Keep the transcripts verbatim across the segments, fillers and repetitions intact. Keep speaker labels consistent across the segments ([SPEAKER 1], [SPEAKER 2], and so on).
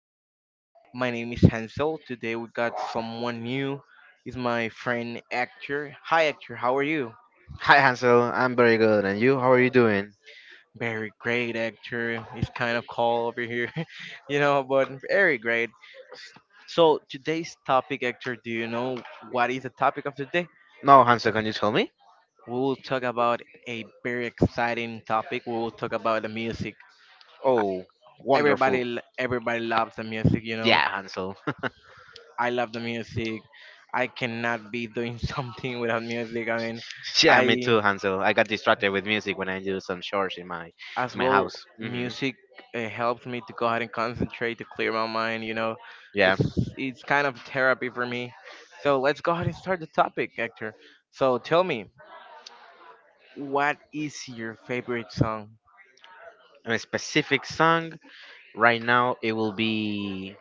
[SPEAKER 1] episode. My name is Hansel. Today we got someone new. Is my friend Actor. Hi Actor, how are you?
[SPEAKER 2] Hi Hansel, I'm very good. And you, how are you doing?
[SPEAKER 1] Very great Actor. It's kind of cold over here, you know, but very great. So today's topic, Actor, do you know what is the topic of today?
[SPEAKER 2] No, Hansel, can you tell me?
[SPEAKER 1] We will talk about a very exciting topic. We will talk about the music.
[SPEAKER 2] Oh,
[SPEAKER 1] Everybody,
[SPEAKER 2] wonderful.
[SPEAKER 1] l- everybody loves the music, you know
[SPEAKER 2] Yeah, Hansel.
[SPEAKER 1] I love the music. I cannot be doing something without music. I mean,
[SPEAKER 2] Yeah, me
[SPEAKER 1] I
[SPEAKER 2] too, Hansel. I got distracted with music when I do some chores in my in
[SPEAKER 1] as
[SPEAKER 2] my
[SPEAKER 1] well
[SPEAKER 2] house. Hmm.
[SPEAKER 1] music uh, helps me to go ahead and concentrate to clear my mind. You know,
[SPEAKER 2] Yeah.
[SPEAKER 1] it's it's kind of therapy for me. So let's go ahead and start the topic, Hector. So tell me, what is your favorite song?
[SPEAKER 2] And a specific song right now it will be,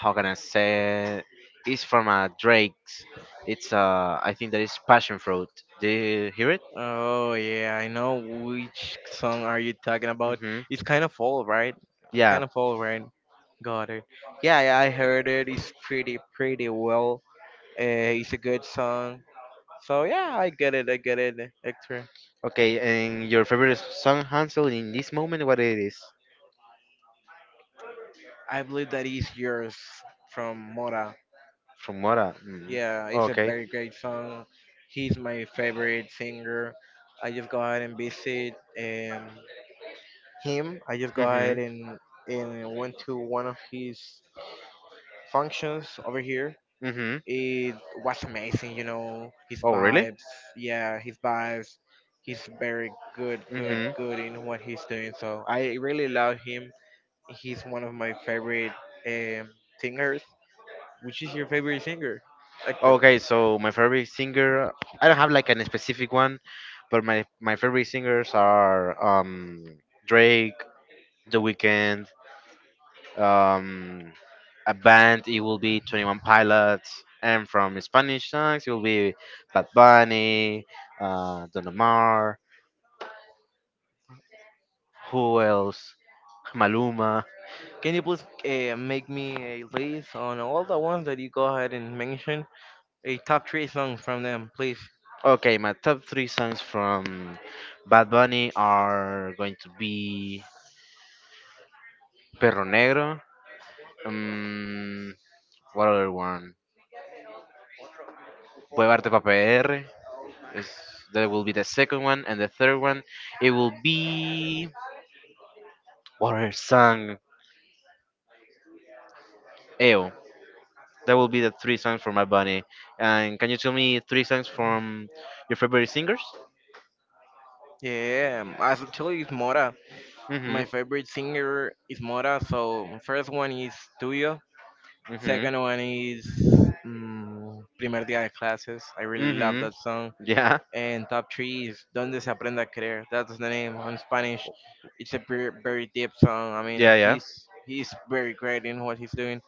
[SPEAKER 2] how can I say it? It's from uh, Drake's. It's uh I think that is Passion Fruit. Do you hear it?
[SPEAKER 1] Oh yeah, I know which song are you talking about.
[SPEAKER 2] Hmm.
[SPEAKER 1] It's kind of old, right? It's
[SPEAKER 2] Yeah.
[SPEAKER 1] kind of old, right? Got it. Yeah, yeah, I heard it. It's pretty, pretty well. Uh, it's a good song. So yeah, I get it. I get it, Hector.
[SPEAKER 2] Okay. And your favorite song, Hansel, in this moment, what it is?
[SPEAKER 1] I believe that is yours from Mora.
[SPEAKER 2] From Mora. Mm.
[SPEAKER 1] Yeah, it's a
[SPEAKER 2] Okay.
[SPEAKER 1] very great song. He's my favorite singer. I just go ahead and visit um, him. I just go ahead
[SPEAKER 2] Mhm.
[SPEAKER 1] and and went to one of his functions over here.
[SPEAKER 2] Mhm.
[SPEAKER 1] It was amazing, you know. His
[SPEAKER 2] Oh, really?
[SPEAKER 1] vibes, yeah, his vibes. He's very good, good,
[SPEAKER 2] Mhm.
[SPEAKER 1] good in what he's doing. So I really love him. He's one of my favorite um, singers. Which is your favorite singer, actor?
[SPEAKER 2] Okay, so my favorite singer, I don't have like an specific one, but my my favorite singers are um Drake, The Weeknd, um a band it will be twenty one Pilots, and from Spanish songs it will be Bad Bunny, uh Don Omar, who else? Maluma.
[SPEAKER 1] Can you please uh, make me a list on all the ones that you go ahead and mention? A top three song from them, please.
[SPEAKER 2] Okay, my top three songs from Bad Bunny are going to be Perro Negro. Um, what other one? Huevarte pa' P R. Is, that will be the second one. And the third one, it will be. What other song? Ew. That will be the three songs from my Bunny. And can you tell me three songs from your favorite singers?
[SPEAKER 1] Yeah, um, as actually it's Mora. My
[SPEAKER 2] Mm
[SPEAKER 1] favorite singer is Mora. So first one is Tuyo.
[SPEAKER 2] hmm. Mm
[SPEAKER 1] Second one is mm, Primer Día de Clases. I
[SPEAKER 2] hmm. Mm
[SPEAKER 1] really love
[SPEAKER 2] hmm.
[SPEAKER 1] that song.
[SPEAKER 2] Yeah.
[SPEAKER 1] And top three is Donde se aprende a creer. That's the name on Spanish. It's a very, very deep song. I mean,
[SPEAKER 2] Yeah, yeah.
[SPEAKER 1] he's he's very great in what he's doing.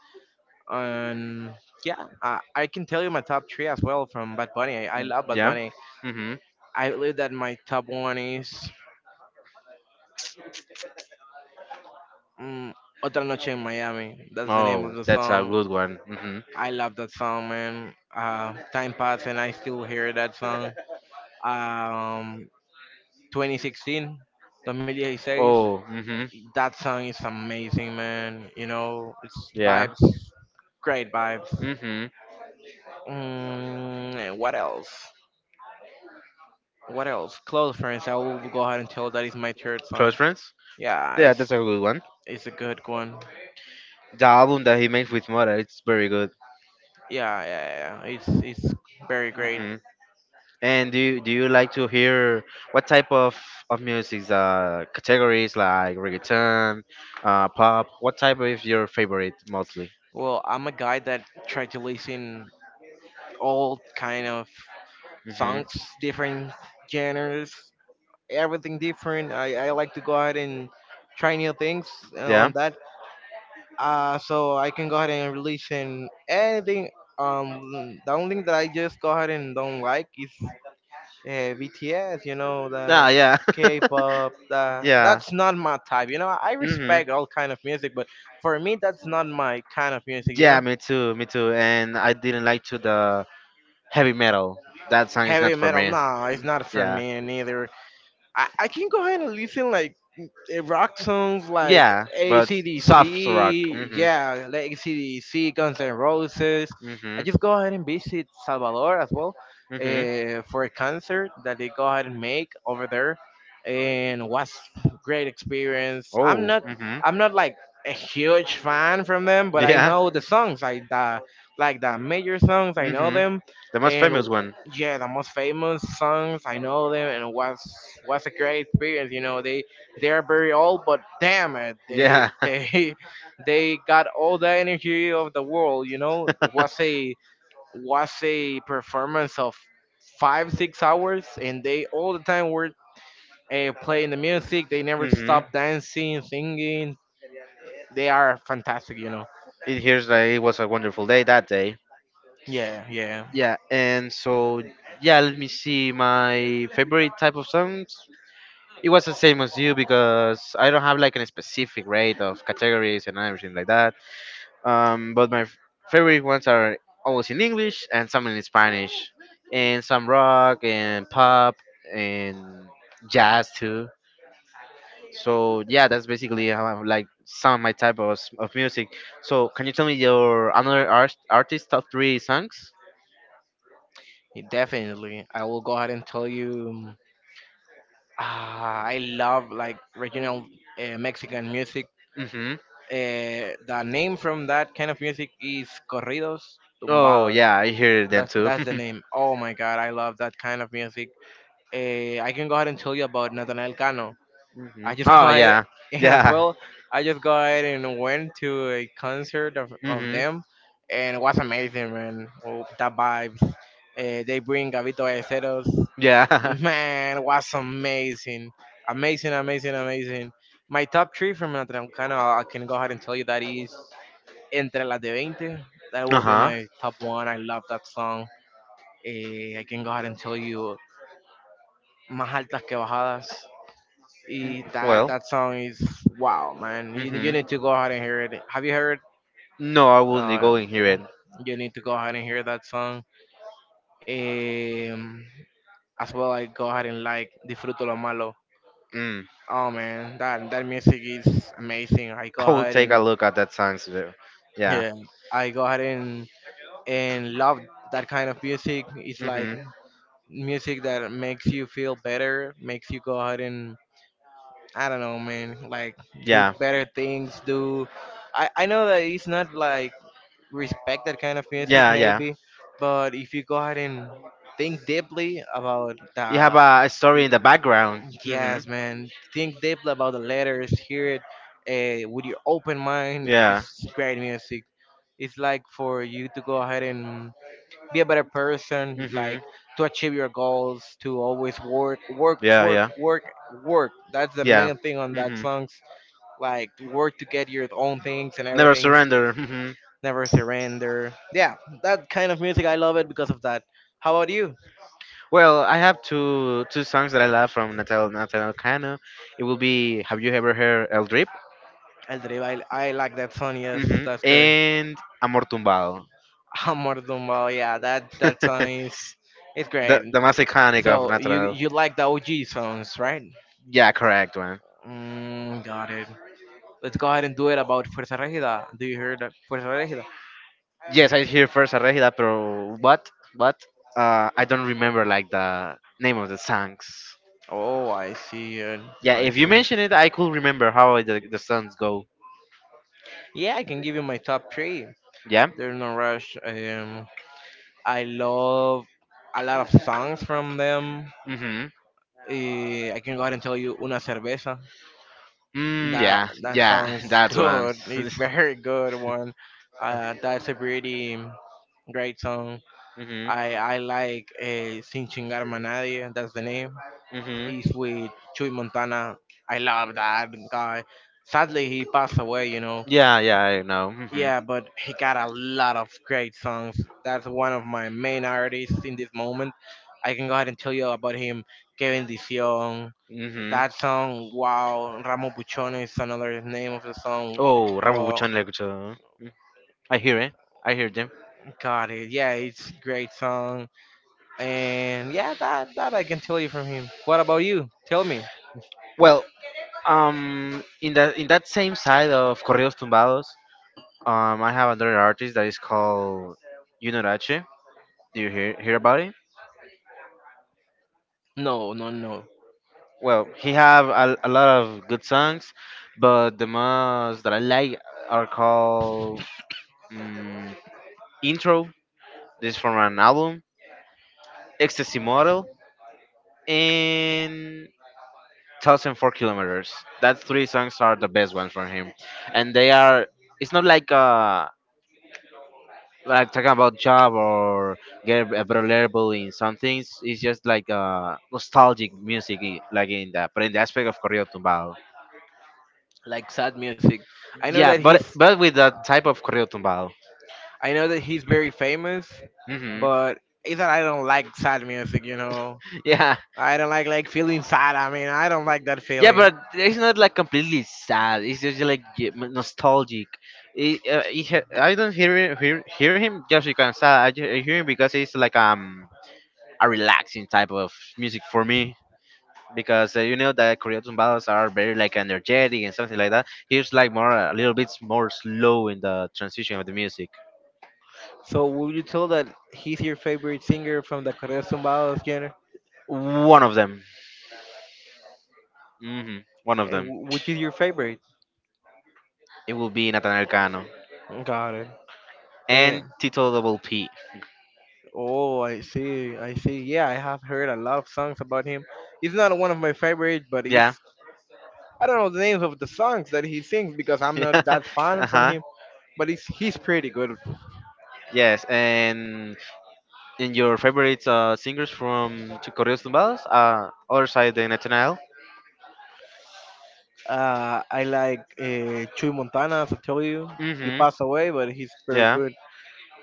[SPEAKER 1] And yeah, I, I can tell you my top three as well from Bad Bunny. I, I love Bad
[SPEAKER 2] Yeah.
[SPEAKER 1] Bunny.
[SPEAKER 2] Mm hmm.
[SPEAKER 1] I believe that my top one is mm, Otra Noche in Miami. That's the name of
[SPEAKER 2] Oh,
[SPEAKER 1] the
[SPEAKER 2] that's a
[SPEAKER 1] song.
[SPEAKER 2] good one. Hmm.
[SPEAKER 1] I love that song, man. Uh, time passed and I still hear that song. Um, twenty sixteen, twenty sixteen.
[SPEAKER 2] Oh, hmm,
[SPEAKER 1] That song is amazing, man. You know, it's
[SPEAKER 2] yeah.
[SPEAKER 1] vibes, great vibes.
[SPEAKER 2] Hmm.
[SPEAKER 1] Mm, and what else? What else? Close Friends. I will go ahead and tell that is my third
[SPEAKER 2] Close
[SPEAKER 1] song.
[SPEAKER 2] friends?
[SPEAKER 1] Yeah,
[SPEAKER 2] Yeah, that's
[SPEAKER 1] it's
[SPEAKER 2] a good one.
[SPEAKER 1] it's a good one.
[SPEAKER 2] The album that he made with Mora, it's very good.
[SPEAKER 1] Yeah, yeah, yeah, yeah. It's it's very great.
[SPEAKER 2] Hmm. And do you, do you like to hear what type of of music? Uh, categories like reggaeton, uh, pop. What type is your favorite mostly?
[SPEAKER 1] Well, I'm a guy that try to listen all kind of
[SPEAKER 2] Hmm.
[SPEAKER 1] songs, different genres, everything different. I I like to go ahead and try new things uh, on
[SPEAKER 2] Yeah.
[SPEAKER 1] that uh, so I can go ahead and release in anything. Um, the only thing that I just go ahead and don't like is uh, B T S. You know the
[SPEAKER 2] Ah, yeah.
[SPEAKER 1] K-pop. The
[SPEAKER 2] Yeah.
[SPEAKER 1] that's not my type. You know I
[SPEAKER 2] Hmm.
[SPEAKER 1] respect all kind of music, but for me that's not my kind of music. You
[SPEAKER 2] Yeah,
[SPEAKER 1] know
[SPEAKER 2] me too, me too. And I didn't like to the heavy metal. That song is
[SPEAKER 1] heavy
[SPEAKER 2] not for
[SPEAKER 1] metal.
[SPEAKER 2] me.
[SPEAKER 1] No, it's
[SPEAKER 2] Mm.
[SPEAKER 1] not for
[SPEAKER 2] Yeah,
[SPEAKER 1] me neither. I I can go ahead and listen like it rock songs like
[SPEAKER 2] yeah, but soft rock.
[SPEAKER 1] A C D C,
[SPEAKER 2] Mm-hmm.
[SPEAKER 1] yeah, like A C D C, Guns N' Roses.
[SPEAKER 2] Mm-hmm.
[SPEAKER 1] I just go ahead and visit Salvador as well
[SPEAKER 2] Mm-hmm.
[SPEAKER 1] uh, for a concert that they go ahead and make over there, and was great experience. I'm
[SPEAKER 2] Oh.
[SPEAKER 1] not,
[SPEAKER 2] Mm-hmm.
[SPEAKER 1] I'm not like a huge fan from them, but I
[SPEAKER 2] Yeah.
[SPEAKER 1] know the songs, I the like the major songs, I know
[SPEAKER 2] Mm-hmm.
[SPEAKER 1] them,
[SPEAKER 2] The most
[SPEAKER 1] and
[SPEAKER 2] famous one.
[SPEAKER 1] yeah, the most famous songs, I know them, and it was was a great experience. You know, they they are very old, but damn it, they
[SPEAKER 2] Yeah.
[SPEAKER 1] they they got all the energy of the world. You know, was a was a performance of five six hours, and they all the time were uh, playing the music. They never
[SPEAKER 2] Mm-hmm.
[SPEAKER 1] stop dancing, singing. They are fantastic. You know.
[SPEAKER 2] It hears that it was a wonderful day that day.
[SPEAKER 1] Yeah, yeah,
[SPEAKER 2] Yeah, and so yeah, let me see. My favorite type of songs. It was the same as you because I don't have like a specific rate of categories and everything like that. Um, but my f- favorite ones are always in English and some in Spanish, and some rock and pop and jazz too. So yeah, that's basically how I like some of my type of, s- of music. So can you tell me your another art, artist top three songs?
[SPEAKER 1] definitely. I will go ahead and tell you. Ah, I love like regional uh, Mexican music.
[SPEAKER 2] Mm-hmm.
[SPEAKER 1] Eh, the name from that kind of music is corridos
[SPEAKER 2] Oh
[SPEAKER 1] tumbados.
[SPEAKER 2] yeah, I hear them
[SPEAKER 1] That's
[SPEAKER 2] too.
[SPEAKER 1] that's the name. Oh my god, I love that kind of music. Eh, I can go ahead and tell you about Nathaniel Cano.
[SPEAKER 2] Hmm.
[SPEAKER 1] I just
[SPEAKER 2] Oh
[SPEAKER 1] go ahead
[SPEAKER 2] yeah,
[SPEAKER 1] and as
[SPEAKER 2] yeah.
[SPEAKER 1] well, I just go ahead and went to a concert of, of
[SPEAKER 2] Hmm.
[SPEAKER 1] them, and it was amazing, man. Oh, the vibes. Eh, they bring Gavito Ballesteros.
[SPEAKER 2] Yeah.
[SPEAKER 1] Man, it was amazing, amazing, amazing, amazing. My top three from Nathaniel Cano, I can go ahead and tell you that is Entre las de twenty, that
[SPEAKER 2] Uh
[SPEAKER 1] will be
[SPEAKER 2] huh.
[SPEAKER 1] my top one. I love that song. Eh, I can go ahead and tell you más altas que bajadas. Y that,
[SPEAKER 2] Well.
[SPEAKER 1] that song is wow, man. You, you
[SPEAKER 2] Hmm.
[SPEAKER 1] need to go ahead and hear it. Have you heard?
[SPEAKER 2] No, I will go
[SPEAKER 1] No,
[SPEAKER 2] and hear it.
[SPEAKER 1] you need to go ahead and hear that song. Um, as well, I go ahead and like Disfruto lo Malo.
[SPEAKER 2] Mm.
[SPEAKER 1] Oh man, that that music is amazing. I go
[SPEAKER 2] I will
[SPEAKER 1] ahead
[SPEAKER 2] take a
[SPEAKER 1] and
[SPEAKER 2] look at that songs, though. Yeah.
[SPEAKER 1] yeah, I go ahead and and love that kind of music. It's like
[SPEAKER 2] Hmm.
[SPEAKER 1] music that makes you feel better, makes you go out and I don't know, man, like do
[SPEAKER 2] Yeah.
[SPEAKER 1] better things. Do I I know that it's not like respect that kind of music
[SPEAKER 2] Yeah. Yeah.
[SPEAKER 1] maybe, but if you go ahead and think deeply about
[SPEAKER 2] You have
[SPEAKER 1] the
[SPEAKER 2] a, a story in the background. Hmm.
[SPEAKER 1] yes, man, think deeply about the letters, hear it uh, with your open mind.
[SPEAKER 2] Yeah.
[SPEAKER 1] It's great music. It's like for you to go ahead and be a better person
[SPEAKER 2] Hmm.
[SPEAKER 1] like to achieve your goals to always work work
[SPEAKER 2] Yeah.
[SPEAKER 1] work
[SPEAKER 2] Yeah.
[SPEAKER 1] work work that's the
[SPEAKER 2] Yeah.
[SPEAKER 1] main thing on that
[SPEAKER 2] Hmm.
[SPEAKER 1] songs like to work to get your own things and
[SPEAKER 2] Never
[SPEAKER 1] everything
[SPEAKER 2] Surrender. Mhm.
[SPEAKER 1] never surrender yeah that kind of music I love it because of that how about you
[SPEAKER 2] Well, I have two two songs that I love from Natal Natal Cano. It will be, have you ever heard El Drip?
[SPEAKER 1] el Drive, I, I like that song yes
[SPEAKER 2] Hmm.
[SPEAKER 1] that's correct
[SPEAKER 2] And Amor Tumbado.
[SPEAKER 1] amor Dumbo, yeah that that song is it's great
[SPEAKER 2] the the most iconic of
[SPEAKER 1] so you
[SPEAKER 2] Natal.
[SPEAKER 1] you like the og songs right
[SPEAKER 2] Yeah, correct one.
[SPEAKER 1] mm, got it. Let's go ahead and do it about Fuerza Regida. Do you hear that Fuerza Regida?
[SPEAKER 2] Yes, I hear first a regida, pero what? What? Uh, I don't remember like the name of the songs.
[SPEAKER 1] Oh, I see it.
[SPEAKER 2] Yeah,
[SPEAKER 1] I
[SPEAKER 2] if you
[SPEAKER 1] see.
[SPEAKER 2] mention it, I could remember how the the songs go.
[SPEAKER 1] Yeah, I can give you my top three.
[SPEAKER 2] Yeah.
[SPEAKER 1] There's no rush. Um, I love a lot of songs from them.
[SPEAKER 2] Hmm.
[SPEAKER 1] Eh, I can go ahead and tell you Una Cerveza.
[SPEAKER 2] Mm,
[SPEAKER 1] That
[SPEAKER 2] yeah,
[SPEAKER 1] that
[SPEAKER 2] yeah,
[SPEAKER 1] song is
[SPEAKER 2] that one.
[SPEAKER 1] good. It's very good one. Uh, that's a pretty great song.
[SPEAKER 2] Hmm.
[SPEAKER 1] I I like uh, Sin Chingarme a Nadie. That's the name
[SPEAKER 2] Hmm.
[SPEAKER 1] is with Chuy Montana. I love that guy. Sadly, he passed away, you know.
[SPEAKER 2] Yeah, yeah, I know. Hmm.
[SPEAKER 1] Yeah, but he got a lot of great songs. That's one of my main artists in this moment. I can go ahead and tell you about him. Kevin Dicion,
[SPEAKER 2] Hmm.
[SPEAKER 1] that song, wow. Ramo Buchona is another name of the song.
[SPEAKER 2] Oh,
[SPEAKER 1] Well,
[SPEAKER 2] Rambutan Legucho. I hear it. I hear them.
[SPEAKER 1] got it. Yeah, it's great song. And yeah, that that I can tell you from him. What about you? Tell me.
[SPEAKER 2] Well, um, in that in that same side of Correos Tumbados, um, I have another artist that is called Yunorache. Do you hear hear about it?
[SPEAKER 1] No, no, no,
[SPEAKER 2] Well, he have a, a lot of good songs, but the most that I like are called, mm Intro. This is from an album, Ecstasy Model, and Thousand Four Kilometers. That three songs are the best ones from him, and they are. It's not like uh like talking about job or get a better level in some things. It's just like uh nostalgic music, i- like in that, but in the aspect of corrido tumbado.
[SPEAKER 1] like sad music. I know
[SPEAKER 2] Yeah,
[SPEAKER 1] that
[SPEAKER 2] but
[SPEAKER 1] he's
[SPEAKER 2] but with that type of corrido tumbado.
[SPEAKER 1] I know that he's very famous,
[SPEAKER 2] Hmm.
[SPEAKER 1] but it's that I don't like sad music, you know.
[SPEAKER 2] Yeah,
[SPEAKER 1] I don't like like feeling sad. I mean, I don't like that
[SPEAKER 2] yeah,
[SPEAKER 1] feeling.
[SPEAKER 2] but it's not like completely sad. It's just like ge- m- nostalgic. It, uh, it, ha- I don't hear him, hear, hear him just because I'm sad. I, ju- I hear him because it's like um a relaxing type of music for me. Because uh, you know that Korean tumbados are very like energetic and something like that. Here's like more, a little bit more slow in the transition of the music.
[SPEAKER 1] So, would you tell that he's your favorite singer from the Correa Tumbados genre?
[SPEAKER 2] One of them. Hmm. One of
[SPEAKER 1] And
[SPEAKER 2] them.
[SPEAKER 1] wh- which is your favorite?
[SPEAKER 2] It will be Nathaniel Cano
[SPEAKER 1] Got it. And,
[SPEAKER 2] and Tito Double P.
[SPEAKER 1] oh, I see. I see. Yeah, I have heard a lot of songs about him. He's not one of my favorites, but he's
[SPEAKER 2] Yeah.
[SPEAKER 1] I don't know the names of the songs that he sings because I'm not that fan
[SPEAKER 2] Uh
[SPEAKER 1] from
[SPEAKER 2] huh.
[SPEAKER 1] him. But he's he's pretty good.
[SPEAKER 2] Yes. And in your favorite uh, singers from Tu- Corridos Tumbados? Uh, other side than Nathaniel.
[SPEAKER 1] Uh, I like uh, Chuy Montana, as I told you. He
[SPEAKER 2] Mm-hmm.
[SPEAKER 1] passed away, but he's very
[SPEAKER 2] Yeah.
[SPEAKER 1] good.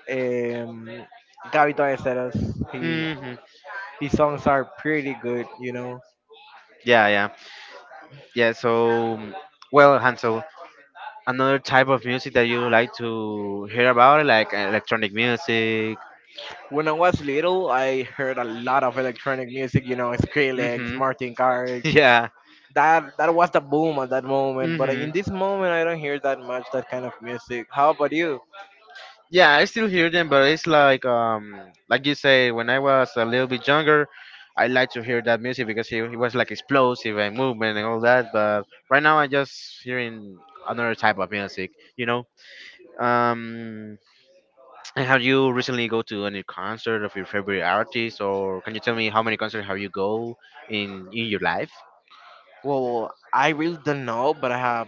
[SPEAKER 1] Um, Gabby Torres, he
[SPEAKER 2] Mm-hmm.
[SPEAKER 1] his songs are pretty good. You know,
[SPEAKER 2] Yeah. Yeah. Yeah. So, well, Hansel, another type of music that you like to hear about, like electronic music.
[SPEAKER 1] when I was little, I heard a lot of electronic music. You know, Skrillex,
[SPEAKER 2] Mm-hmm.
[SPEAKER 1] Martin Garrix.
[SPEAKER 2] Yeah.
[SPEAKER 1] That that was the boom at that moment. But
[SPEAKER 2] Mm-hmm.
[SPEAKER 1] in this moment, I don't hear that much that kind of music. How about you?
[SPEAKER 2] Yeah, I still hear them, but it's like um like you say, when I was a little bit younger, I like to hear that music because it, it was like explosive and movement and all that. But right now, I'm just hearing another type of music, you know. Um, and have you recently go to any concert of your favorite artist, or can you tell me how many concerts have you go in in your life?
[SPEAKER 1] Well, I really don't know, but I have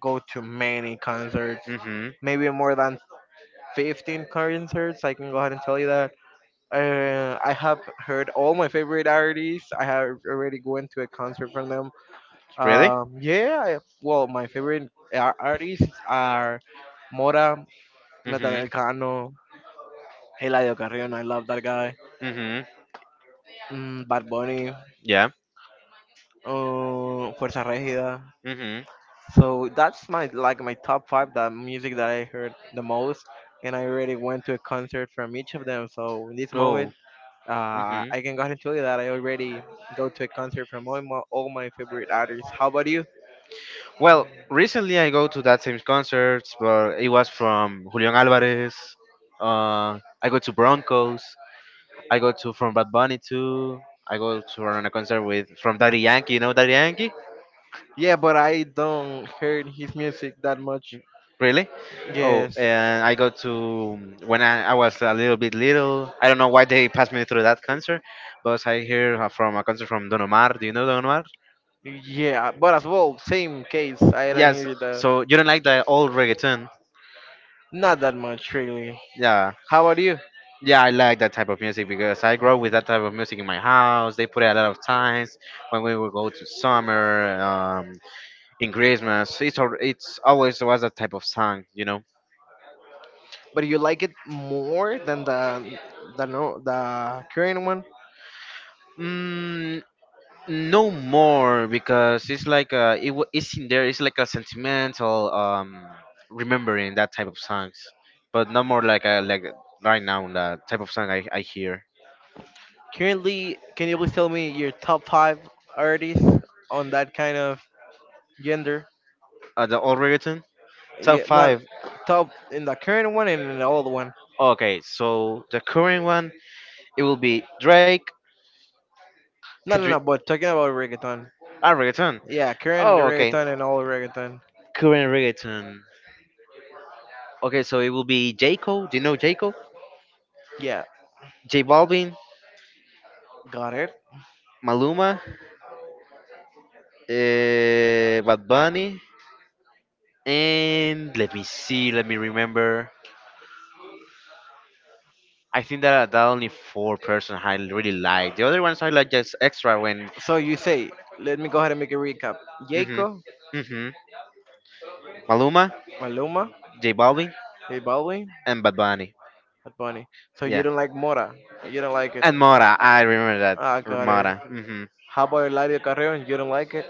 [SPEAKER 1] go to many concerts,
[SPEAKER 2] Mm-hmm.
[SPEAKER 1] maybe more than fifteen concerts. I can go ahead and tell you that. Uh, I have heard all my favorite artists. I have already gone to a concert from them.
[SPEAKER 2] Really?
[SPEAKER 1] Um, yeah, I, well, my favorite ar- artists are Mora,
[SPEAKER 2] Mm-hmm.
[SPEAKER 1] Nathaniel Cano, Eladio Carrion. I love that guy.
[SPEAKER 2] Mm-hmm.
[SPEAKER 1] Mm, Bad Bunny,
[SPEAKER 2] Yeah.
[SPEAKER 1] uh, Fuerza Regida.
[SPEAKER 2] Mm-hmm.
[SPEAKER 1] So that's my like my top five that music that I heard the most, and I already went to a concert from each of them. So in this
[SPEAKER 2] Oh.
[SPEAKER 1] moment, uh,
[SPEAKER 2] Mm-hmm.
[SPEAKER 1] I can go ahead and tell you that I already go to a concert from all my all my favorite artists. How about you?
[SPEAKER 2] Well, recently I go to that same concerts, but it was from Julian Alvarez. Uh, I go to Broncos. I go to from Bad Bunny too. I go to on a concert with from Daddy Yankee. You know Daddy Yankee?
[SPEAKER 1] Yeah, but I don't heard his music that much.
[SPEAKER 2] Really? Oh,
[SPEAKER 1] Yes,
[SPEAKER 2] and I go to when I, I was a little bit little. I don't know why they passed me through that concert, but I hear uh, from a concert from Don Omar. Do you know Don Omar?
[SPEAKER 1] yeah, but as well, same case. I don't
[SPEAKER 2] Yes.
[SPEAKER 1] hear the
[SPEAKER 2] So you don't like the old reggaeton?
[SPEAKER 1] not that much really.
[SPEAKER 2] Yeah.
[SPEAKER 1] How about you?
[SPEAKER 2] Yeah, I like that type of music because I grew up with that type of music in my house. They put it a lot of times when we would go to summer, um, in Christmas. It's al- it's always was that type of song, you know.
[SPEAKER 1] But you like it more than the the no the current one?
[SPEAKER 2] Mm, no more because it's like uh, it wa- it's in there. It's like a sentimental um remembering that type of songs, but no more like a, like right now the type of song I I hear.
[SPEAKER 1] Currently, can you please tell me your top five artists on that kind of gender?
[SPEAKER 2] Uh, the old reggaeton top
[SPEAKER 1] Yeah, not
[SPEAKER 2] five.
[SPEAKER 1] top in the current one and in the old one.
[SPEAKER 2] Okay, so the current one it will be Drake.
[SPEAKER 1] No,
[SPEAKER 2] Could
[SPEAKER 1] no,
[SPEAKER 2] you?
[SPEAKER 1] no. But talking about reggaeton.
[SPEAKER 2] Ah, reggaeton.
[SPEAKER 1] Yeah, current
[SPEAKER 2] Oh, okay.
[SPEAKER 1] reggaeton and old reggaeton.
[SPEAKER 2] Current reggaeton. Okay, so it will be J Cole. Do you know J Cole?
[SPEAKER 1] Yeah,
[SPEAKER 2] J Balvin,
[SPEAKER 1] got it.
[SPEAKER 2] Maluma, uh, Bad Bunny, and let me see, let me remember. I think that are the only four person I really like. The other ones I like just extra when.
[SPEAKER 1] So you say, let me go ahead and make a recap.
[SPEAKER 2] Mhm.
[SPEAKER 1] Jacob,
[SPEAKER 2] Mhm. Maluma,
[SPEAKER 1] Maluma,
[SPEAKER 2] J Balvin,
[SPEAKER 1] J Balvin,
[SPEAKER 2] and Bad Bunny.
[SPEAKER 1] Bad Bunny. So you
[SPEAKER 2] Yeah.
[SPEAKER 1] don't like Mora. You don't like it.
[SPEAKER 2] And Mora. I remember that.
[SPEAKER 1] Ah, got it.
[SPEAKER 2] Mora. Mhm.
[SPEAKER 1] How about Eladio Carrion? You don't like it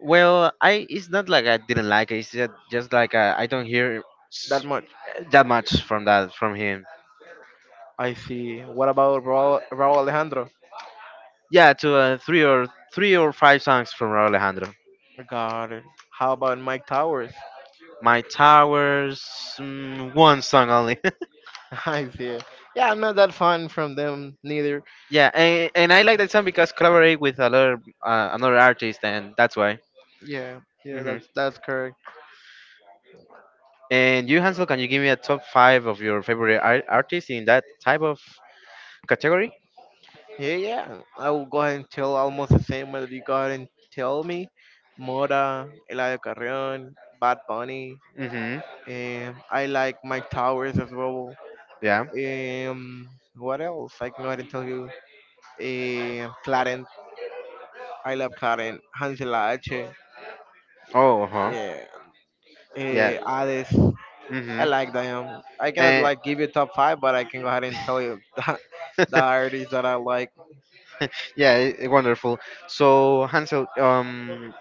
[SPEAKER 2] Well, I it's not like I didn't like it. It's just, just like I, I don't hear
[SPEAKER 1] that
[SPEAKER 2] s-
[SPEAKER 1] much.
[SPEAKER 2] that much from that from him.
[SPEAKER 1] I see. What about Raul, Raul Alejandro?
[SPEAKER 2] Yeah, to uh, three or three or five songs from Raúl Alejandro.
[SPEAKER 1] Got it. How about Mike Towers?
[SPEAKER 2] My Towers, mm, one song only.
[SPEAKER 1] I see. It. Yeah, I'm not that fun from them neither.
[SPEAKER 2] Yeah, and, and I like that song because collaborate with another uh, another artist, and that's why.
[SPEAKER 1] Yeah, yeah,
[SPEAKER 2] Hmm.
[SPEAKER 1] that's that's correct.
[SPEAKER 2] And you, Hansel, can you give me a top five of your favorite ar- artists in that type of category?
[SPEAKER 1] Yeah, yeah. I will go ahead and tell almost the same whether you go ahead and tell me. Mora, Eladio Carrion, Bad Bunny.
[SPEAKER 2] Mm-hmm.
[SPEAKER 1] Um, I like Mike Towers as well.
[SPEAKER 2] Yeah.
[SPEAKER 1] Um, what else? I can go ahead and tell you. Um, Clarence. I love Clarence. Hansel H.
[SPEAKER 2] Oh, uh huh.
[SPEAKER 1] Yeah.
[SPEAKER 2] Yeah.
[SPEAKER 1] Uh, Hades. I
[SPEAKER 2] Mm-hmm.
[SPEAKER 1] like them. I cannot
[SPEAKER 2] And
[SPEAKER 1] like give you top five, but I can go ahead and tell you the, the artists that I like.
[SPEAKER 2] yeah, i- wonderful. So Hansel, um,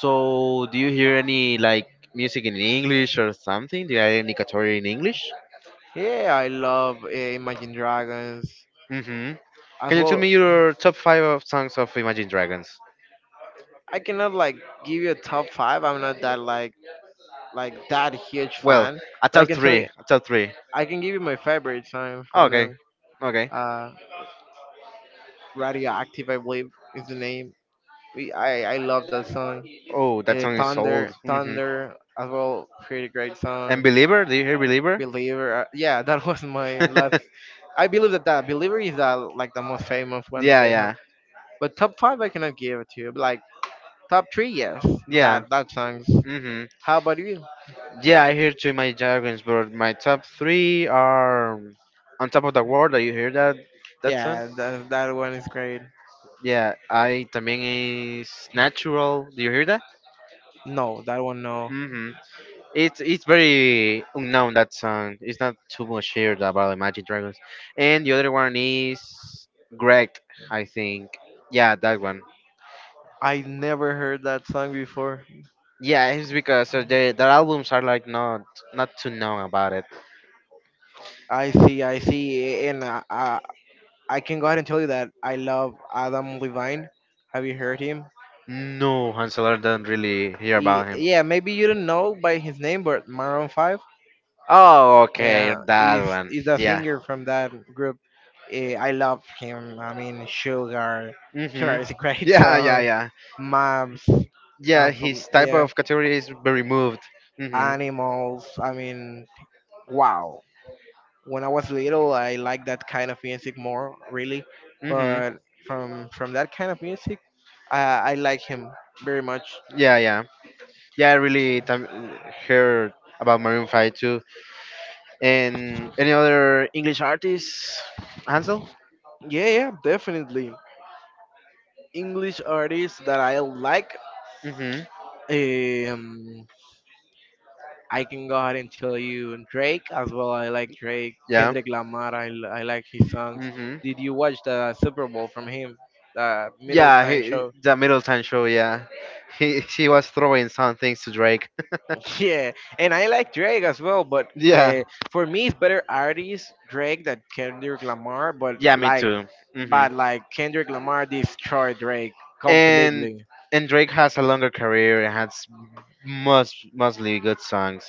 [SPEAKER 2] so do you hear any like music in English or something? Do you have any category in English?
[SPEAKER 1] Yeah, I love uh, Imagine Dragons
[SPEAKER 2] Mm-hmm. Can
[SPEAKER 1] as
[SPEAKER 2] you tell
[SPEAKER 1] well.
[SPEAKER 2] me your top five of songs of Imagine Dragons?
[SPEAKER 1] I cannot like give you a top five. I'm not that like like that huge
[SPEAKER 2] Well,
[SPEAKER 1] fan,
[SPEAKER 2] a
[SPEAKER 1] but I
[SPEAKER 2] top
[SPEAKER 1] can tell you.
[SPEAKER 2] three, a top three.
[SPEAKER 1] I can give you my favorite song from
[SPEAKER 2] Okay,
[SPEAKER 1] them.
[SPEAKER 2] okay.
[SPEAKER 1] Uh, Radioactive, I believe, is the name. We, I I love that song.
[SPEAKER 2] Oh, that
[SPEAKER 1] Uh,
[SPEAKER 2] song is
[SPEAKER 1] Thunder,
[SPEAKER 2] old. Mm-hmm.
[SPEAKER 1] Thunder, as well, pretty great
[SPEAKER 2] And
[SPEAKER 1] song.
[SPEAKER 2] Believer, do you hear Believer?
[SPEAKER 1] Believer. Uh, yeah, that was my last. I believe that that Believer is that like the most famous one that
[SPEAKER 2] Yeah,
[SPEAKER 1] they have.
[SPEAKER 2] yeah,
[SPEAKER 1] But top five, I cannot give it to you. But like top three, yes,
[SPEAKER 2] yeah.
[SPEAKER 1] that that songs.
[SPEAKER 2] Mm-hmm.
[SPEAKER 1] How about you?
[SPEAKER 2] Yeah, I hear two Imagine Dragons, but my top three are on top of the world. Do you hear that? That song?
[SPEAKER 1] Yeah, that that one is great.
[SPEAKER 2] Yeah, I también is natural. Do you hear that?
[SPEAKER 1] No, that one no.
[SPEAKER 2] Hmm. It's it's very unknown that song. It's not too much heard about Imagine Dragons. And the other one is Greg, I think. Yeah, that one.
[SPEAKER 1] I never heard that song before.
[SPEAKER 2] Yeah, it's because uh, the their albums are like not not too known about it.
[SPEAKER 1] I see, I see, and uh, uh, I can go ahead and tell you that I love Adam Levine. Have you heard him?
[SPEAKER 2] No, Hansel don't really hear about
[SPEAKER 1] Ye-
[SPEAKER 2] him.
[SPEAKER 1] Yeah, maybe you don't know by his name, but Maroon five.
[SPEAKER 2] Oh, okay,
[SPEAKER 1] Yeah,
[SPEAKER 2] that
[SPEAKER 1] he's
[SPEAKER 2] one.
[SPEAKER 1] he's the
[SPEAKER 2] Yeah.
[SPEAKER 1] singer from that group. Eh, I love him. I mean, Sugar, Sugar
[SPEAKER 2] Hmm.
[SPEAKER 1] is a great
[SPEAKER 2] Yeah, yeah,
[SPEAKER 1] song.
[SPEAKER 2] yeah.
[SPEAKER 1] Moms,
[SPEAKER 2] Yeah,
[SPEAKER 1] um, from,
[SPEAKER 2] his type
[SPEAKER 1] yeah,
[SPEAKER 2] of category is very moved. Mm-hmm.
[SPEAKER 1] Animals. I mean, wow. When I was little, I liked that kind of music more, really.
[SPEAKER 2] Hmm.
[SPEAKER 1] But from from that kind of music, I I like him very much.
[SPEAKER 2] Yeah, yeah, yeah. I really tam- heard about Maroon Five too. And any other English artists? Hansel.
[SPEAKER 1] Yeah, yeah, definitely. English artists that I like.
[SPEAKER 2] Hmm.
[SPEAKER 1] Um, I can go ahead and tell you Drake as well. I like Drake,
[SPEAKER 2] Yeah.
[SPEAKER 1] Kendrick Lamar. I, l- I like his songs.
[SPEAKER 2] Hmm.
[SPEAKER 1] Did you watch the Super Bowl from him? The middle
[SPEAKER 2] Yeah.
[SPEAKER 1] time
[SPEAKER 2] He,
[SPEAKER 1] show.
[SPEAKER 2] the Middleton show. Yeah. He he was throwing some things to Drake.
[SPEAKER 1] Yeah, and I like Drake as well, but
[SPEAKER 2] Yeah.
[SPEAKER 1] uh, for me, it's better artist Drake than Kendrick Lamar. But
[SPEAKER 2] Yeah. Me
[SPEAKER 1] like,
[SPEAKER 2] too. Hmm.
[SPEAKER 1] but like Kendrick Lamar destroyed Drake
[SPEAKER 2] And
[SPEAKER 1] completely.
[SPEAKER 2] and Drake has a longer career and has most mostly good songs.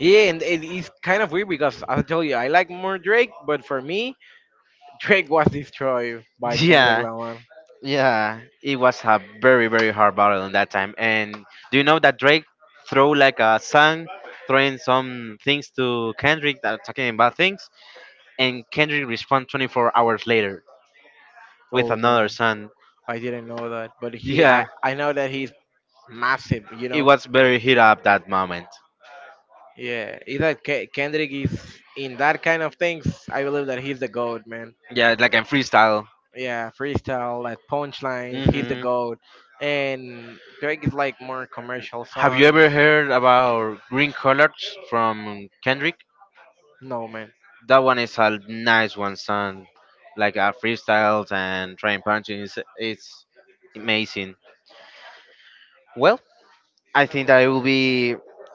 [SPEAKER 1] Yeah, and it is kind of weird because I tell you, I like more Drake, but for me, Drake was destroyed by Kendrick
[SPEAKER 2] Yeah.
[SPEAKER 1] Lamar.
[SPEAKER 2] Yeah, it was a very, very hard battle in that time. And do you know that Drake threw like a song, throwing some things to Kendrick that are talking about things, and Kendrick respond twenty four hours later with
[SPEAKER 1] Oh
[SPEAKER 2] another
[SPEAKER 1] no.
[SPEAKER 2] song.
[SPEAKER 1] I didn't know that, but he I
[SPEAKER 2] Yeah,
[SPEAKER 1] I know that he's massive. You
[SPEAKER 2] it
[SPEAKER 1] know,
[SPEAKER 2] was very hit up that moment.
[SPEAKER 1] yeah. Is that Ke- Kendrick is in that kind of things? I believe that he's the goat, man.
[SPEAKER 2] Yeah, like in freestyle.
[SPEAKER 1] Yeah, freestyle, like punchlines, he's the
[SPEAKER 2] Hmm
[SPEAKER 1] goat. And Drake is like more commercial
[SPEAKER 2] Have you
[SPEAKER 1] songs.
[SPEAKER 2] ever heard about Green Colors from Kendrick?
[SPEAKER 1] No, man.
[SPEAKER 2] That one is a nice one, son. Like uh, freestyles and trying punching. It's, it's amazing. Well, I think that it will be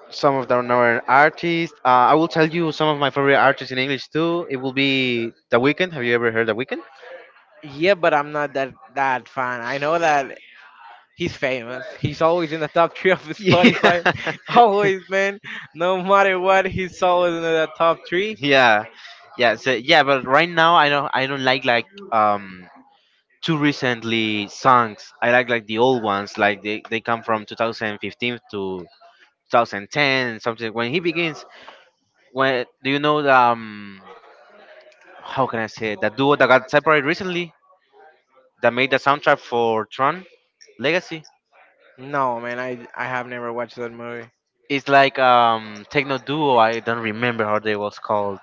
[SPEAKER 2] some of the known artists. Uh, I will tell you some of my favorite artists in English too. It will be The Weeknd. Have you ever heard The Weeknd?
[SPEAKER 1] Yeah, but I'm not that that fan. I know that he's famous. He's always in the top three of the Spotify. always, man. No matter what, he's always in the top three.
[SPEAKER 2] Yeah, yeah, yeah. So yeah, but right now I don't I don't like like um too recently songs. I like like the old ones. Like they they come from two thousand fifteen to twenty ten something. When he begins, when do you know the um how can I say it? That duo that got separated recently? That made the soundtrack for Tron Legacy.
[SPEAKER 1] No, man. I I have never watched that movie.
[SPEAKER 2] It's like um techno duo. I don't remember how they was called.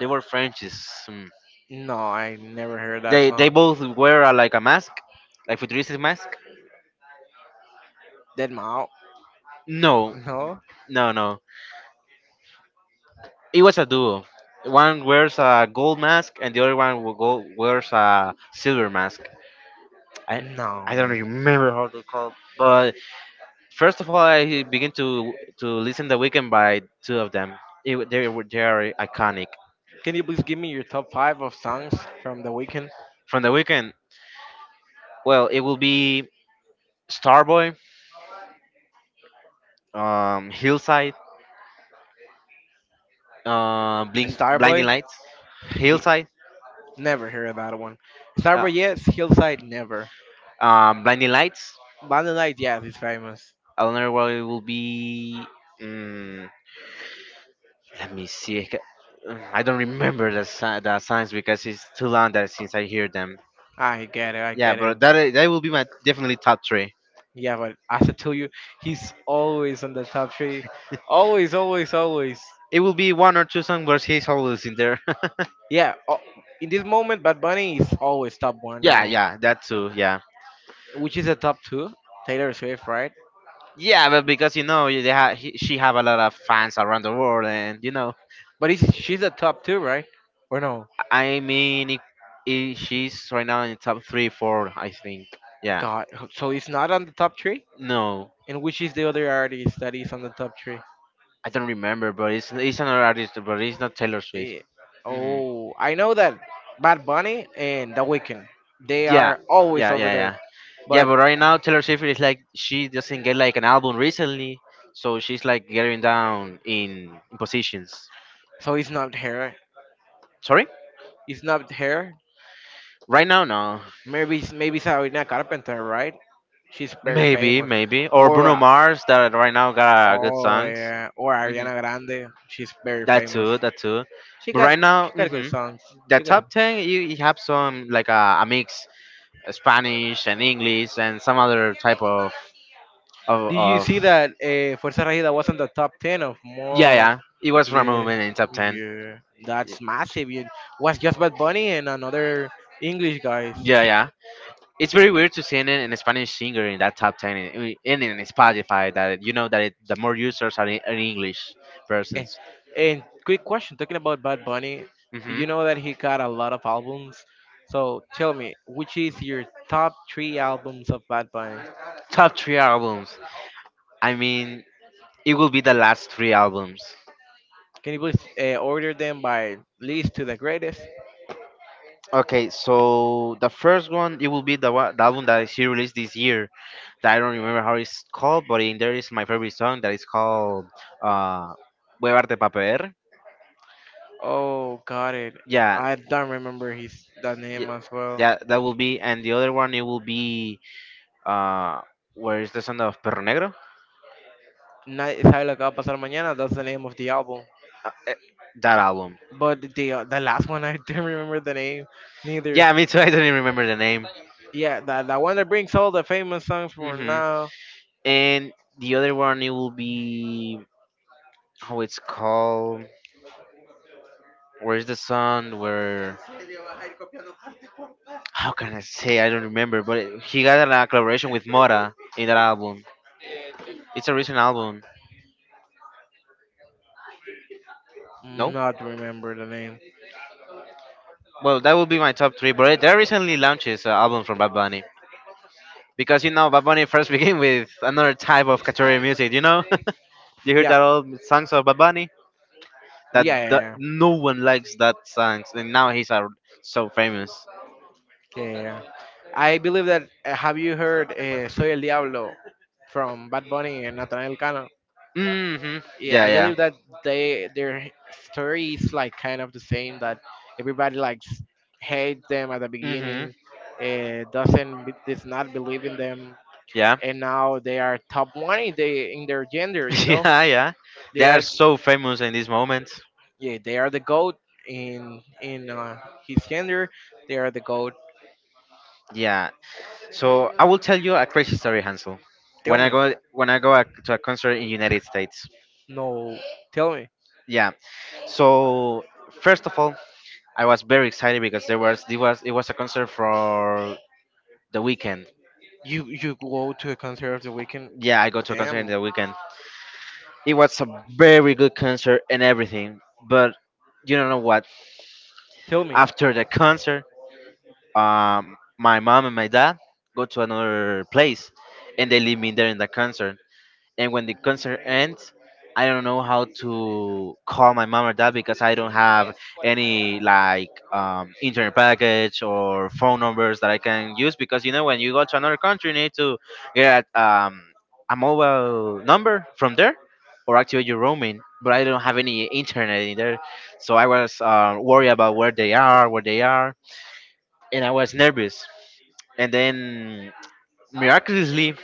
[SPEAKER 2] They were Frenchies. Mm.
[SPEAKER 1] No, I never heard that
[SPEAKER 2] They they
[SPEAKER 1] song.
[SPEAKER 2] both wear uh, like a mask, like futuristic mask.
[SPEAKER 1] Dead Mouth?
[SPEAKER 2] No,
[SPEAKER 1] No,
[SPEAKER 2] no, no. It was a duo. One wears a gold mask and the other one will go, wears a silver mask. I
[SPEAKER 1] no,
[SPEAKER 2] I don't
[SPEAKER 1] man.
[SPEAKER 2] remember how they called. But first of all, I begin to to listen the weekend by two of them. It, they were they are iconic.
[SPEAKER 1] Can you please give me your top five of songs from The Weeknd?
[SPEAKER 2] From the weekend, well, it will be Starboy, um, Hillside, uh, Blink, Blinding
[SPEAKER 1] Starboy?
[SPEAKER 2] Lights,
[SPEAKER 1] He
[SPEAKER 2] Hillside,
[SPEAKER 1] never heard that one.
[SPEAKER 2] uh,
[SPEAKER 1] Starboy, yes. Hillside, never.
[SPEAKER 2] um, Blinding Lights.
[SPEAKER 1] Bandolight, yes, it's famous.
[SPEAKER 2] Another one it will be. Um, let me see. I ca- uh, I don't remember the si- the signs because it's too long that since I hear them.
[SPEAKER 1] I get it, I
[SPEAKER 2] Yeah,
[SPEAKER 1] get it.
[SPEAKER 2] but that i- that will be my definitely top three.
[SPEAKER 1] Yeah, but as I tell you, he's always on the top three. Always, always, always.
[SPEAKER 2] It will be one or two songs, but he's always in there.
[SPEAKER 1] Yeah, o- in this moment, Bad Bunny is always top one, you
[SPEAKER 2] Yeah,
[SPEAKER 1] know.
[SPEAKER 2] yeah, that too. Yeah,
[SPEAKER 1] Which is a top two? Taylor Swift, right?
[SPEAKER 2] yeah, but because you know they ha- he, she have a lot of fans around the world, and you know.
[SPEAKER 1] But he's, she's a top two, right? Or no?
[SPEAKER 2] I mean, it, it, she's right now in the top three, four, I think. Yeah.
[SPEAKER 1] God, so he's not on the top three.
[SPEAKER 2] No,
[SPEAKER 1] And which is the other artist that is on the top three?
[SPEAKER 2] I don't remember, but it's it's another artist, but it's not Taylor
[SPEAKER 1] Eh,
[SPEAKER 2] Swift. Hmm
[SPEAKER 1] Oh, I know that Bad Bunny and The Weeknd. They
[SPEAKER 2] Yeah,
[SPEAKER 1] are always
[SPEAKER 2] yeah,
[SPEAKER 1] over
[SPEAKER 2] yeah,
[SPEAKER 1] there.
[SPEAKER 2] yeah, yeah.
[SPEAKER 1] But
[SPEAKER 2] But right now, Taylor Swift is like she doesn't get like an album recently, so she's like getting down in, in positions.
[SPEAKER 1] so it's not her.
[SPEAKER 2] Sorry,
[SPEAKER 1] It's not her.
[SPEAKER 2] right now, no.
[SPEAKER 1] Maybe it's- maybe Sabrina Carpenter, right? She's very
[SPEAKER 2] Maybe,
[SPEAKER 1] famous.
[SPEAKER 2] maybe, or
[SPEAKER 1] Or
[SPEAKER 2] Bruno
[SPEAKER 1] uh,
[SPEAKER 2] Mars that right now got good
[SPEAKER 1] oh
[SPEAKER 2] songs.
[SPEAKER 1] yeah, or
[SPEAKER 2] Hmm
[SPEAKER 1] Ariana Grande. She's very
[SPEAKER 2] That
[SPEAKER 1] famous.
[SPEAKER 2] too, that too.
[SPEAKER 1] She
[SPEAKER 2] But
[SPEAKER 1] got
[SPEAKER 2] right now,
[SPEAKER 1] she got good
[SPEAKER 2] mhm,
[SPEAKER 1] songs.
[SPEAKER 2] the
[SPEAKER 1] She got.
[SPEAKER 2] top ten you, you have some like a, a mix uh, spanish and english and some other type of of,
[SPEAKER 1] Did you
[SPEAKER 2] of
[SPEAKER 1] see that uh, Fuerza Regida was on the top ten of
[SPEAKER 2] yeah
[SPEAKER 1] more?
[SPEAKER 2] yeah it was from a
[SPEAKER 1] Yeah,
[SPEAKER 2] movement in top ten.
[SPEAKER 1] yeah.
[SPEAKER 2] Y-
[SPEAKER 1] That's massive. It was just Bad Bunny and another English guys.
[SPEAKER 2] yeah yeah it's very weird to see an, an spanish singer in that top ten in, in, in spotify that you know that it, the more users are, in, are english
[SPEAKER 1] Eh,
[SPEAKER 2] persons.
[SPEAKER 1] And quick question, talking about Bad Bunny,
[SPEAKER 2] Hmm
[SPEAKER 1] you know that he got a lot of albums. So tell me, which is your top three albums of Bad Bunny?
[SPEAKER 2] Top three albums, I mean it will be the last three albums.
[SPEAKER 1] Can you please uh, order them by least to the greatest?
[SPEAKER 2] Okay, so the first one it will be the one, the album that she released this year. That I don't remember how it's called, but in there is my favorite song that is called uh Huevarte Paper.
[SPEAKER 1] Oh, got it.
[SPEAKER 2] Yeah,
[SPEAKER 1] I don't remember his that name
[SPEAKER 2] yeah,
[SPEAKER 1] as well.
[SPEAKER 2] yeah, that will be and the other one it will be uh where is the song of Perro Negro?
[SPEAKER 1] Nadie sabe lo que va a pasar mañana. That's the name of the album.
[SPEAKER 2] Uh, eh, that album.
[SPEAKER 1] But the uh, the last one, I don't remember the name neither.
[SPEAKER 2] Yeah, me too. I don't even remember the name.
[SPEAKER 1] Yeah, that that one that brings all the famous songs from
[SPEAKER 2] Mhm.
[SPEAKER 1] now.
[SPEAKER 2] And the other one it will be how it's called. Where's the song where how can I say I don't remember, but it- he got a collaboration with Mora in that album. It's a recent album. No,
[SPEAKER 1] Not remember the name.
[SPEAKER 2] well that would be my top three. But there recently launches an album from Bad Bunny because you know Bad Bunny first began with another type of category music. You know, you heard
[SPEAKER 1] Yeah,
[SPEAKER 2] that old songs of Bad Bunny that, that
[SPEAKER 1] yeah.
[SPEAKER 2] no one likes that songs, and now he's uh, so famous.
[SPEAKER 1] Yeah. I believe that uh, have you heard uh, Soy el Diablo from Bad Bunny and Natanael Cano?
[SPEAKER 2] Mhm.
[SPEAKER 1] Yeah,
[SPEAKER 2] Yeah,
[SPEAKER 1] I
[SPEAKER 2] yeah.
[SPEAKER 1] believe that they their story is like kind of the same that everybody likes hate them at the
[SPEAKER 2] Mhm.
[SPEAKER 1] beginning, uh, doesn't be- does not believe in them,
[SPEAKER 2] Yeah.
[SPEAKER 1] and now they are top one in, the, in their gender. You know,
[SPEAKER 2] Yeah, yeah. They
[SPEAKER 1] they
[SPEAKER 2] are
[SPEAKER 1] are.
[SPEAKER 2] so famous in this moment.
[SPEAKER 1] Yeah, they are the goat in in uh, his gender. They are the goat.
[SPEAKER 2] Yeah. So I will tell you a crazy story, Hansel. When
[SPEAKER 1] Tell
[SPEAKER 2] I
[SPEAKER 1] me,
[SPEAKER 2] go when I go a, to a concert in United States.
[SPEAKER 1] no, tell me.
[SPEAKER 2] Yeah. So first of all, I was very excited because there was it was it was a concert for the weekend.
[SPEAKER 1] You you go to a concert of the weekend.
[SPEAKER 2] Yeah, I go to a concert in
[SPEAKER 1] Damn,
[SPEAKER 2] the weekend. It was a very good concert and everything, but you don't know what.
[SPEAKER 1] tell me.
[SPEAKER 2] After the concert, um, my mom and my dad go to another place and they leave me there in the concert. And when the concert ends, I don't know how to call my mom or dad because I don't have any like um, internet package or phone numbers that I can use because you know when you go to another country you need to get um, a mobile number from there or activate your roaming. But I don't have any internet in there, so I was uh, worried about where they are, where they are and I was nervous. And then miraculously,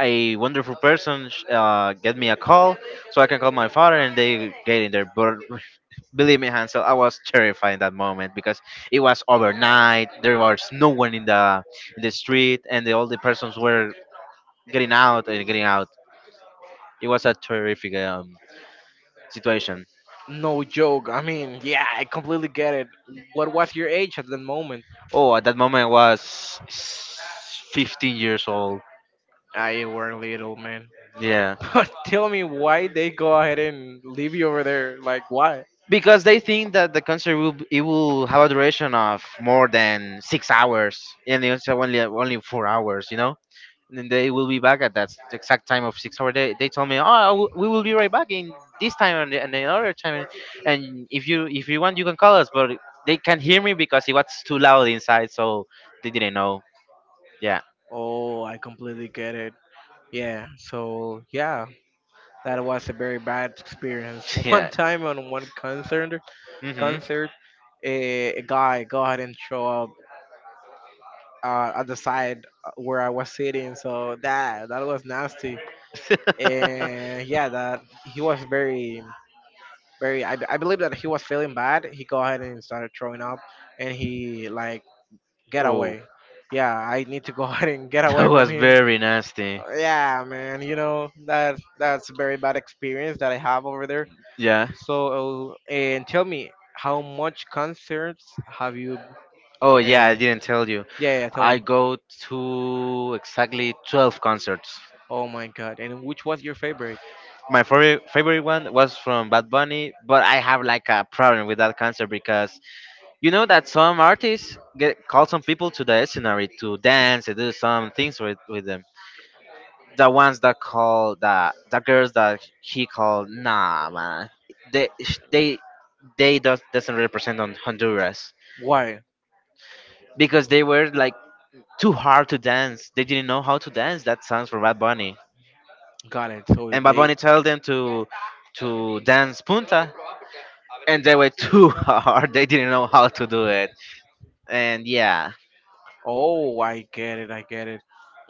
[SPEAKER 2] a wonderful person sh- uh, get me a call, so I can call my father, and they get in there. But believe me, Hansel, I was terrified in that moment because it was overnight. There was no one in the in the street, and the, all the persons were getting out and getting out. It was a terrific um, situation.
[SPEAKER 1] No joke. I mean, yeah, I completely get it. What was your age at that moment?
[SPEAKER 2] Oh, at that moment, I was fifteen years old.
[SPEAKER 1] I were little man.
[SPEAKER 2] Yeah.
[SPEAKER 1] But tell me why they go ahead and leave you over there. Like why?
[SPEAKER 2] Because they think that the concert will b- it will have a duration of more than six hours and they also only only four hours you know and then they will be back at that s- exact time of six hours. they, they told me oh w- we will be right back in this time and, the- and another time and if you if you want you can call us but they can't hear me because it was too loud inside so they didn't know yeah.
[SPEAKER 1] Oh, I completely get it. Yeah. So yeah, that was a very bad experience. One
[SPEAKER 2] Yeah.
[SPEAKER 1] time on one concert,
[SPEAKER 2] hmm
[SPEAKER 1] concert, a, a guy go ahead and show up uh, at the side where I was sitting. So that that was nasty. And yeah, that he was very, very. I, I believe that he was feeling bad. He go ahead and started throwing up, and he like get
[SPEAKER 2] Oh,
[SPEAKER 1] away. Yeah, I need to go ahead and get
[SPEAKER 2] that
[SPEAKER 1] away from
[SPEAKER 2] was
[SPEAKER 1] him.
[SPEAKER 2] very nasty.
[SPEAKER 1] Yeah, man, you know that that's a very bad experience that I have over there.
[SPEAKER 2] Yeah.
[SPEAKER 1] So, and tell me, how much concerts have you? Uh,
[SPEAKER 2] Oh, yeah, I
[SPEAKER 1] yeah,
[SPEAKER 2] didn't tell you.
[SPEAKER 1] yeah, tell me.
[SPEAKER 2] I go to exactly twelve concerts.
[SPEAKER 1] Oh my God! And which was your favorite?
[SPEAKER 2] My favorite favorite one was from Bad Bunny, but I have like a problem with that concert because you know that some artists get call some people to the scenery to dance and do some things with with them. The ones that call the the girls that he called, nah man, they they they does, doesn't represent on honduras
[SPEAKER 1] Why?
[SPEAKER 2] because they were like too hard to dance, they didn't know how to dance that songs for bad bunny
[SPEAKER 1] Got it. So
[SPEAKER 2] and bad
[SPEAKER 1] they.
[SPEAKER 2] bunny told them to to dance punta and they were too hard, they didn't know how to do it and yeah.
[SPEAKER 1] Oh, I get it. I get it.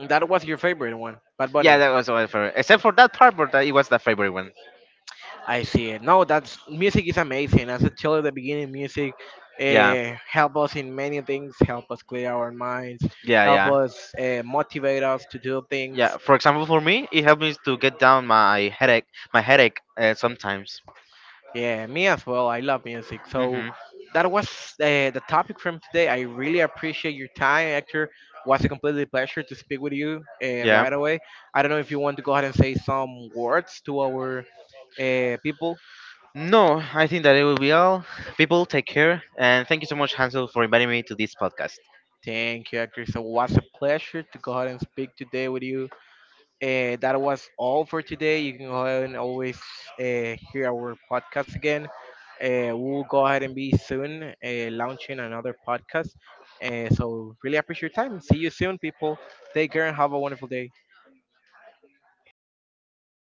[SPEAKER 1] That was your favorite one, Bad Bunny.
[SPEAKER 2] Yeah that was my favorite except for that part but that, it was the favorite one.
[SPEAKER 1] I see it. No, that's music is amazing. As I told you at the beginning, music
[SPEAKER 2] Yeah.
[SPEAKER 1] uh, help us in many things. Help us clear our minds.
[SPEAKER 2] Yeah
[SPEAKER 1] Help
[SPEAKER 2] yeah
[SPEAKER 1] us uh, motivate us to do
[SPEAKER 2] yeah
[SPEAKER 1] things.
[SPEAKER 2] for example for me it helped me to get down my headache, my headache uh, sometimes.
[SPEAKER 1] Yeah, me as well. I love music. So
[SPEAKER 2] Hmm
[SPEAKER 1] that was uh, the topic from today. I really appreciate your time, Hector. Was a completely pleasure to speak with you uh,
[SPEAKER 2] Yeah.
[SPEAKER 1] right away. I don't know if you want to go ahead and say some words to our uh, people.
[SPEAKER 2] No I think that it will be all. People take care and thank you so much Hansel for inviting me to this podcast.
[SPEAKER 1] Thank you, Hector. So it was a pleasure to go ahead and speak today with you. Uh, that was all for today. You can go ahead and always uh, hear our podcast again. Uh, we'll go ahead and be soon uh, launching another podcast. Uh, so, really appreciate your time. See you soon, people. Take care and have a wonderful day.